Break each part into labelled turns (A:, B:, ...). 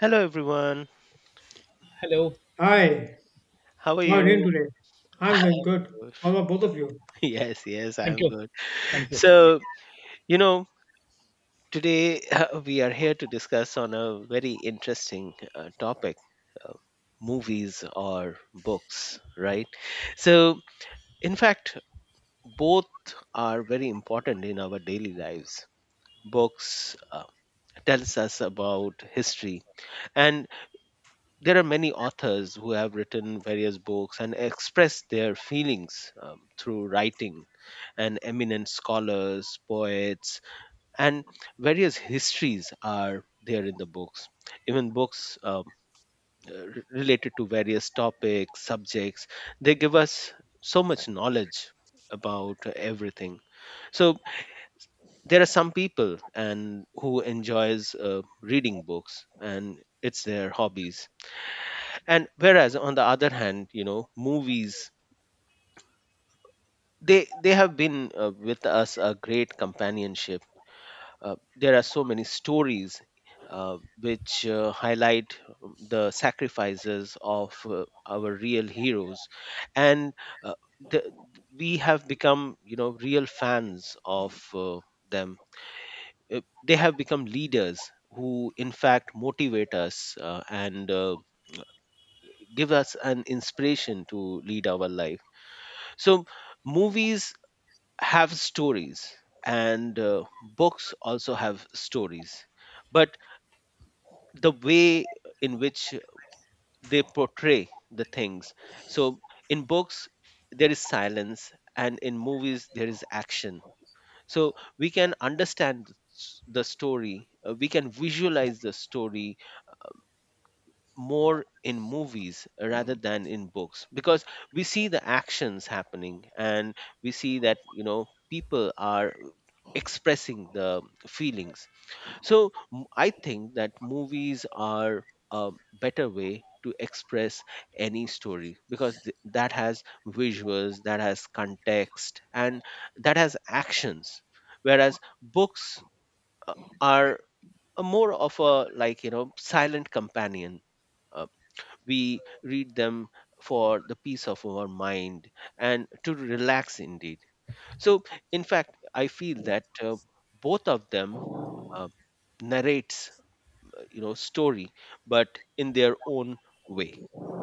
A: Hello everyone.
B: Hello.
C: Hi,
A: How are
C: how are you doing
A: you?
C: today? I'm doing good. How about both of you?
A: Yes, yes,
B: Thank
A: I'm
B: you.
A: good.
B: Thank you.
A: So, you know, today we are here to discuss on a very interesting topic, uh, movies or books, right? So, in fact, both are very important in our daily lives. Books tells us about history, and there are many authors who have written various books and expressed their feelings through writing, and eminent scholars, poets, and various histories are there in the books. Even books related to various topics, subjects, they give us so much knowledge about everything. So there are some people and who enjoys reading books, and it's their hobbies, and whereas, on the other hand, movies, they have been with us a great companionship. There are so many stories which highlight the sacrifices of our real heroes. And uh, the, we have become real fans of them. Uh, they have become leaders who in fact motivate us, and give us an inspiration to lead our life. So movies have stories, and books also have stories, but the way in which they portray the things. So in books, there is silence, and in movies, there is action. So we can understand the story. We can visualize the story more in movies rather than in books, because we see the actions happening, and we see that people are expressing the feelings. So I think that movies are a better way to express any story, because that has visuals, that has context, and that has actions, whereas books uh, are a more of a like silent companion. Uh, we read them for the peace of our mind and to relax indeed. So, in fact, I feel that both of them uh, narrates, story, but in their own way.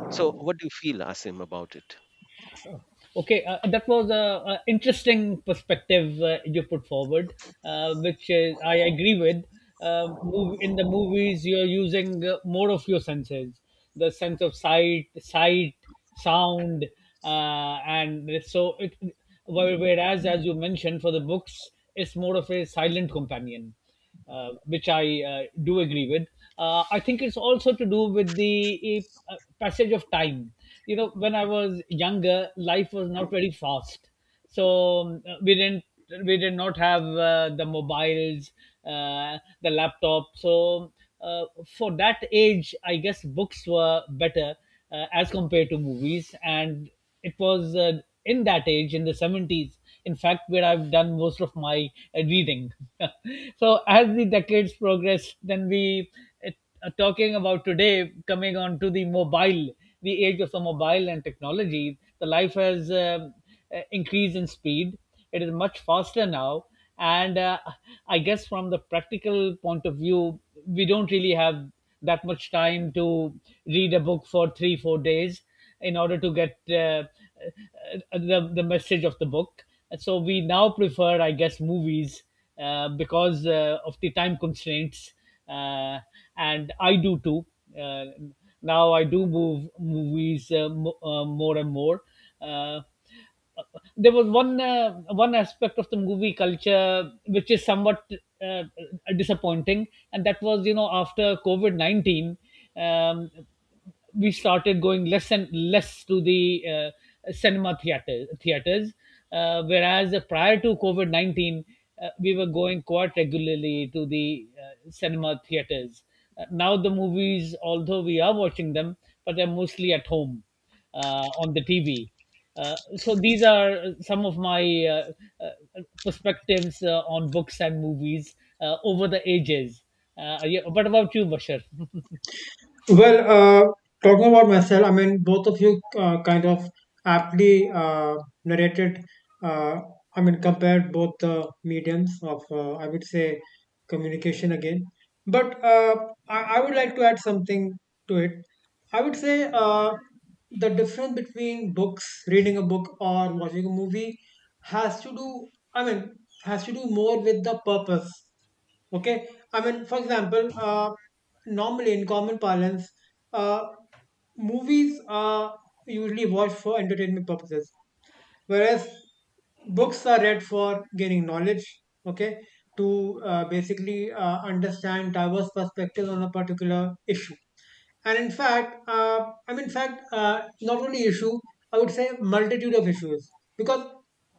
A: So, what do you feel, Asim, about it?
B: Okay, that was a, interesting perspective you put forward, which is, I agree with. In the movies, you're using more of your senses, the sense of sight, sound, and so it. Whereas, as you mentioned, for the books, it's more of a silent companion which I do agree with. I think it's also to do with the passage of time. You know, when I was younger, life was not very fast, so we did not have the mobiles, the laptop. So uh, for that age, I guess books were better as compared to movies, and it was in that age in the 70s, in fact, where I've done most of my reading. So as the decades progressed, then we, talking about today, coming on to the mobile, the age of the mobile and technology, the life has increased in speed. It is much faster now. And I guess from the practical point of view, we don't really have that much time to read a book for three, 4 days in order to get the, message of the book. And so we now prefer, I guess, movies because of the time constraints, uh, and I do too. Uh, Now I do move movies, more and more. Uh, there was one aspect of the movie culture which is somewhat uh, disappointing, and that was, you know, after COVID 19. Um, we started going less and less to the cinema theaters, whereas prior to COVID 19, we were going quite regularly to the cinema theaters. Now, the movies, although we are watching them, but they're mostly at home on the TV. So these are some of my uh, perspectives on books and movies over the ages. Yeah, what about you, Bashar?
C: Well, talking about myself, I mean, both of you kind of aptly narrated, uh, I mean, compared both the mediums of, I would say, communication again. But I would like to add something to it. I would say the difference between books, reading a book, or watching a movie has to do, I mean, has to do more with the purpose. Okay. I mean, for example, normally in common parlance, uh, movies are usually watched for entertainment purposes, whereas books are read for gaining knowledge. Okay, to basically understand diverse perspectives on a particular issue. And in fact, I mean, in fact, not only issue, I would say multitude of issues. Because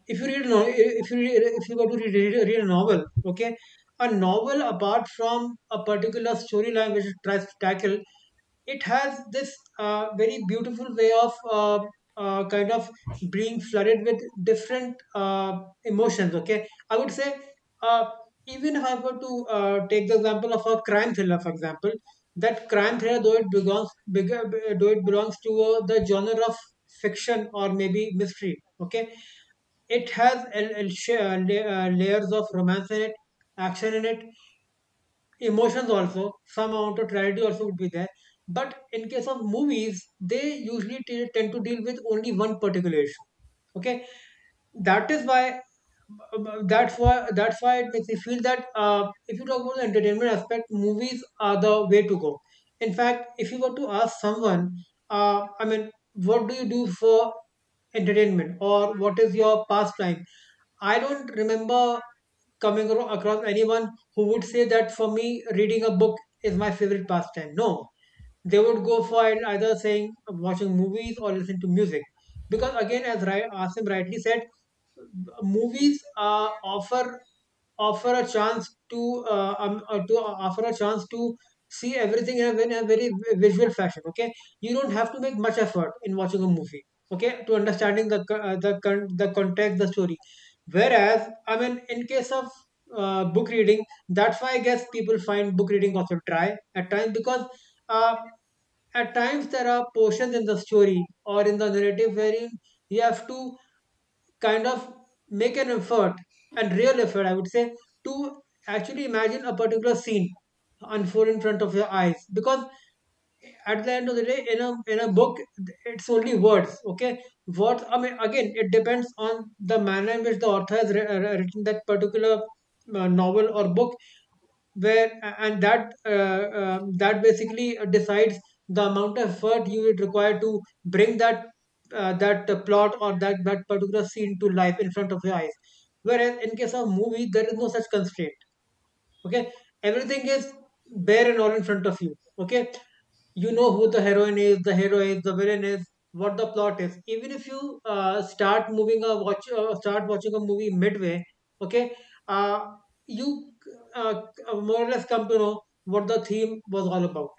C: if you read, if you go to read a novel, okay, a novel apart from a particular storyline which it tries to tackle it has this very beautiful way of kind of being flooded with different emotions. Okay, I would say uh, even if I were to take the example of a crime thriller, for example, that crime thriller though it belongs bigger, though it belongs to the genre of fiction or maybe mystery. Okay, it has layers of romance in it, action in it, emotions, also some amount of tragedy also would be there, but in case of movies they tend to deal with only one particular issue, okay. That is why that's why that's why it makes me feel that if you talk about the entertainment aspect, movies are the way to go. In fact, if you were to ask someone, I mean, what do you do for entertainment, or what is your pastime? I don't remember coming across anyone who would say that for me, reading a book is my favorite pastime. No, they would go for it either saying watching movies or listen to music. Because again, as Asim rightly said, movies offer offer a chance to offer a chance to see everything in in a very visual fashion, okay. You don't have to make much effort in watching a movie, okay, to understanding the context, the story. Whereas I mean, in case of book reading, that's why I guess people find book reading also dry at times, because uh, at times there are portions in the story or in the narrative wherein you have to kind of make an effort, and real effort, I would say, to actually imagine a particular scene unfold in front of your eyes. Because at the end of the day, in a book, it's only words, okay. Words, I mean, again, it depends on the manner in which the author has written that particular novel or book, and that that basically decides the amount of effort you would require to bring that plot, or that particular scene to life in front of your eyes. Whereas in case of movie, there is no such constraint, okay. Everything is bare and all in front of you, okay. You know who the heroine is, the hero is, the villain is, what the plot is. Even if you start watching a movie midway, okay, uh, you uh, more or less come to know what the theme was all about.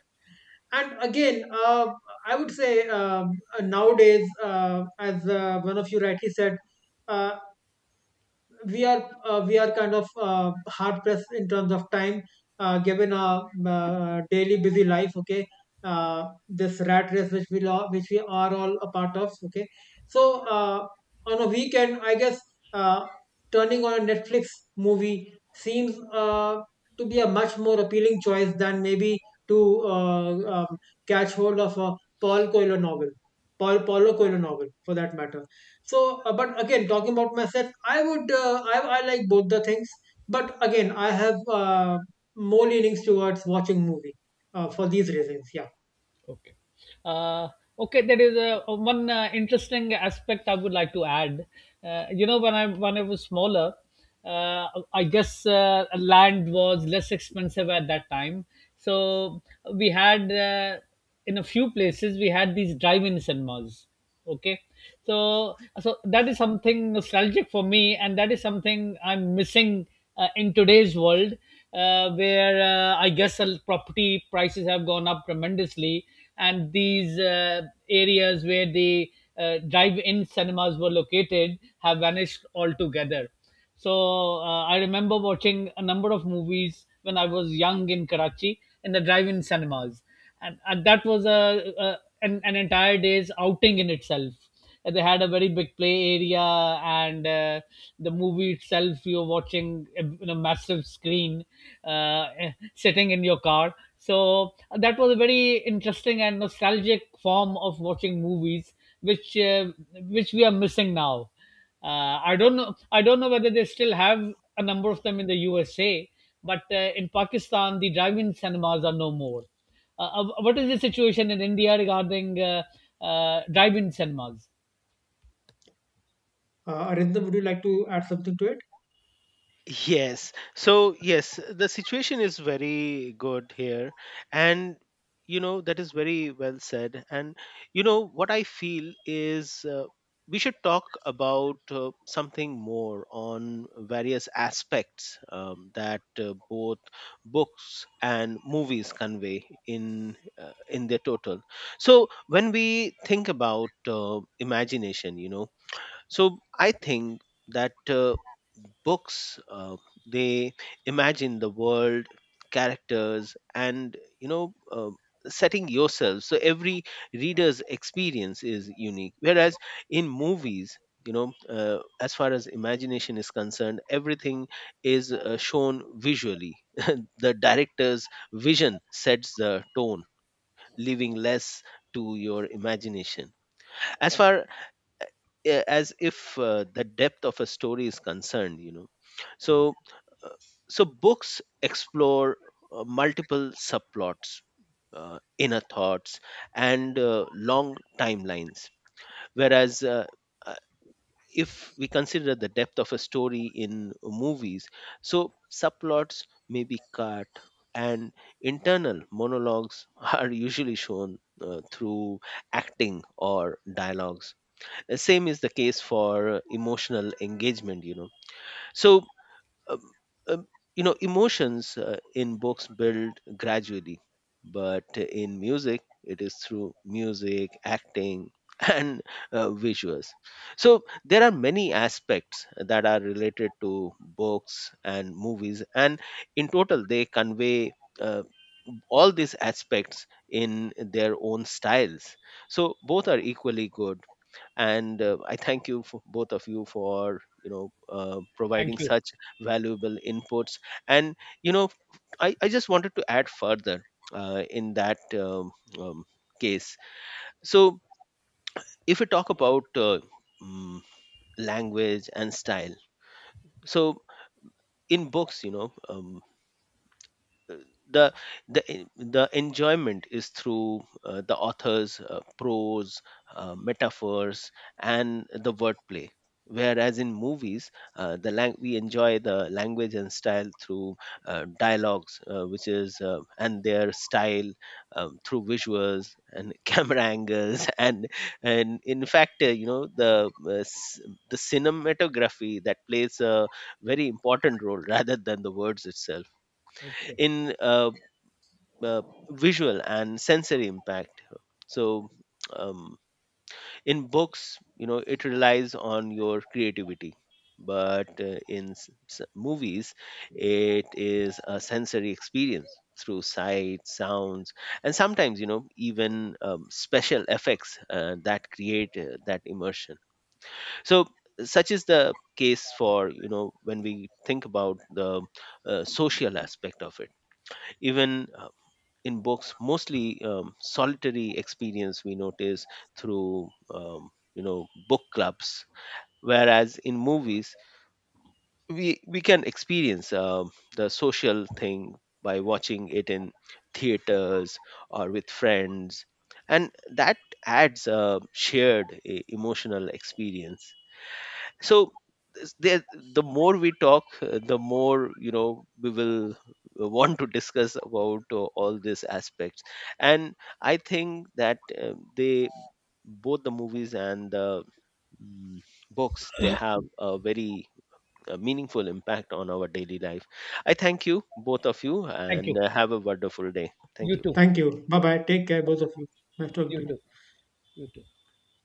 C: And again, I would say nowadays, as one of you rightly said, uh, we are kind of hard pressed in terms of time, given our daily busy life, okay. This rat race which we which we are all a part of, okay. So on a weekend I guess, uh, turning on a Netflix movie seems to be a much more appealing choice than maybe to um, catch hold of a paul coelho novel Paulo Coelho novel, for that matter. So, but again, talking about myself, I would, uh, I like both the things. But again, I have more leanings towards watching movie for these reasons. Yeah.
B: Okay. Uh, okay, there is a, one interesting aspect I would like to add. You know, when I was smaller, uh, I guess land was less expensive at that time. So we had, in a few places we had these drive-in cinemas, okay, so that is something nostalgic for me, and that is something I'm missing in today's world, where I guess the property prices have gone up tremendously, and these areas where the drive-in cinemas were located have vanished altogether. So I remember watching a number of movies when I was young in Karachi in the drive-in cinemas, and that was an entire day's outing in itself. And they had a very big play area, and the movie itself you're watching in a massive screen, sitting in your car. So that was a very interesting and nostalgic form of watching movies, which uh, which we are missing now. I don't know. I don't know whether they still have a number of them in the USA, but in Pakistan, the drive-in cinemas are no more. What is the situation in India regarding drive-in cinemas?
C: Arindam, would you like to add something to it?
A: Yes. So, yes, the situation is very good here. And, that is very well said. And, what I feel is we should talk about something more on various aspects that both books and movies convey in their total. So, when we think about imagination, so I think that books, they imagine the world, characters, and setting yourself, so every reader's experience is unique, whereas in movies, as far as imagination is concerned, everything is shown visually. The director's vision sets the tone, leaving less to your imagination. As far as if the depth of a story is concerned, so uh, so books explore multiple subplots, inner thoughts, and long timelines, whereas uh, if we consider the depth of a story in movies, so subplots may be cut, and internal monologues are usually shown through acting or dialogues. Same is the case for emotional engagement, so um, um, emotions in books build gradually, but in music it is through music, acting and visuals. So there are many aspects that are related to books and movies, and in total they convey uh, all these aspects in their own styles. So both are equally good, and I thank you for both of you for
B: Thank
A: providing
B: you.
A: such valuable inputs. And you know I just wanted to add further in that um, case. So if we talk about mm, language and style, so in books, uh, the the enjoyment is through the author's prose, metaphors, and the wordplay, whereas in movies, the we enjoy the language and style through dialogues, which is, and their style, through visuals and camera angles, and in fact, the cinematography that plays a very important role rather than the words itself,
B: Okay.
A: in uh, visual and sensory impact. So um, in books, it relies on your creativity, but in movies, it is a sensory experience through sight, sounds, and sometimes, even special effects that create that immersion. So such is the case for when we think about the social aspect of it. Even in books, mostly solitary experience we notice through book clubs, whereas in movies, we can experience the social thing by watching it in theaters or with friends, and that adds a shared emotional experience. So, this- there, the more we talk, the more we will want to discuss about all these aspects. And I think that they, both the movies and the mm, books, they have a very meaningful impact on our daily life. I thank you both of you,
B: Thank
A: and
B: you.
A: have a wonderful day. Thank
B: You
A: you.
B: too.
C: Thank you. Bye bye. Take care, both of you. Nice talking
B: You
C: to you.
B: too. You too.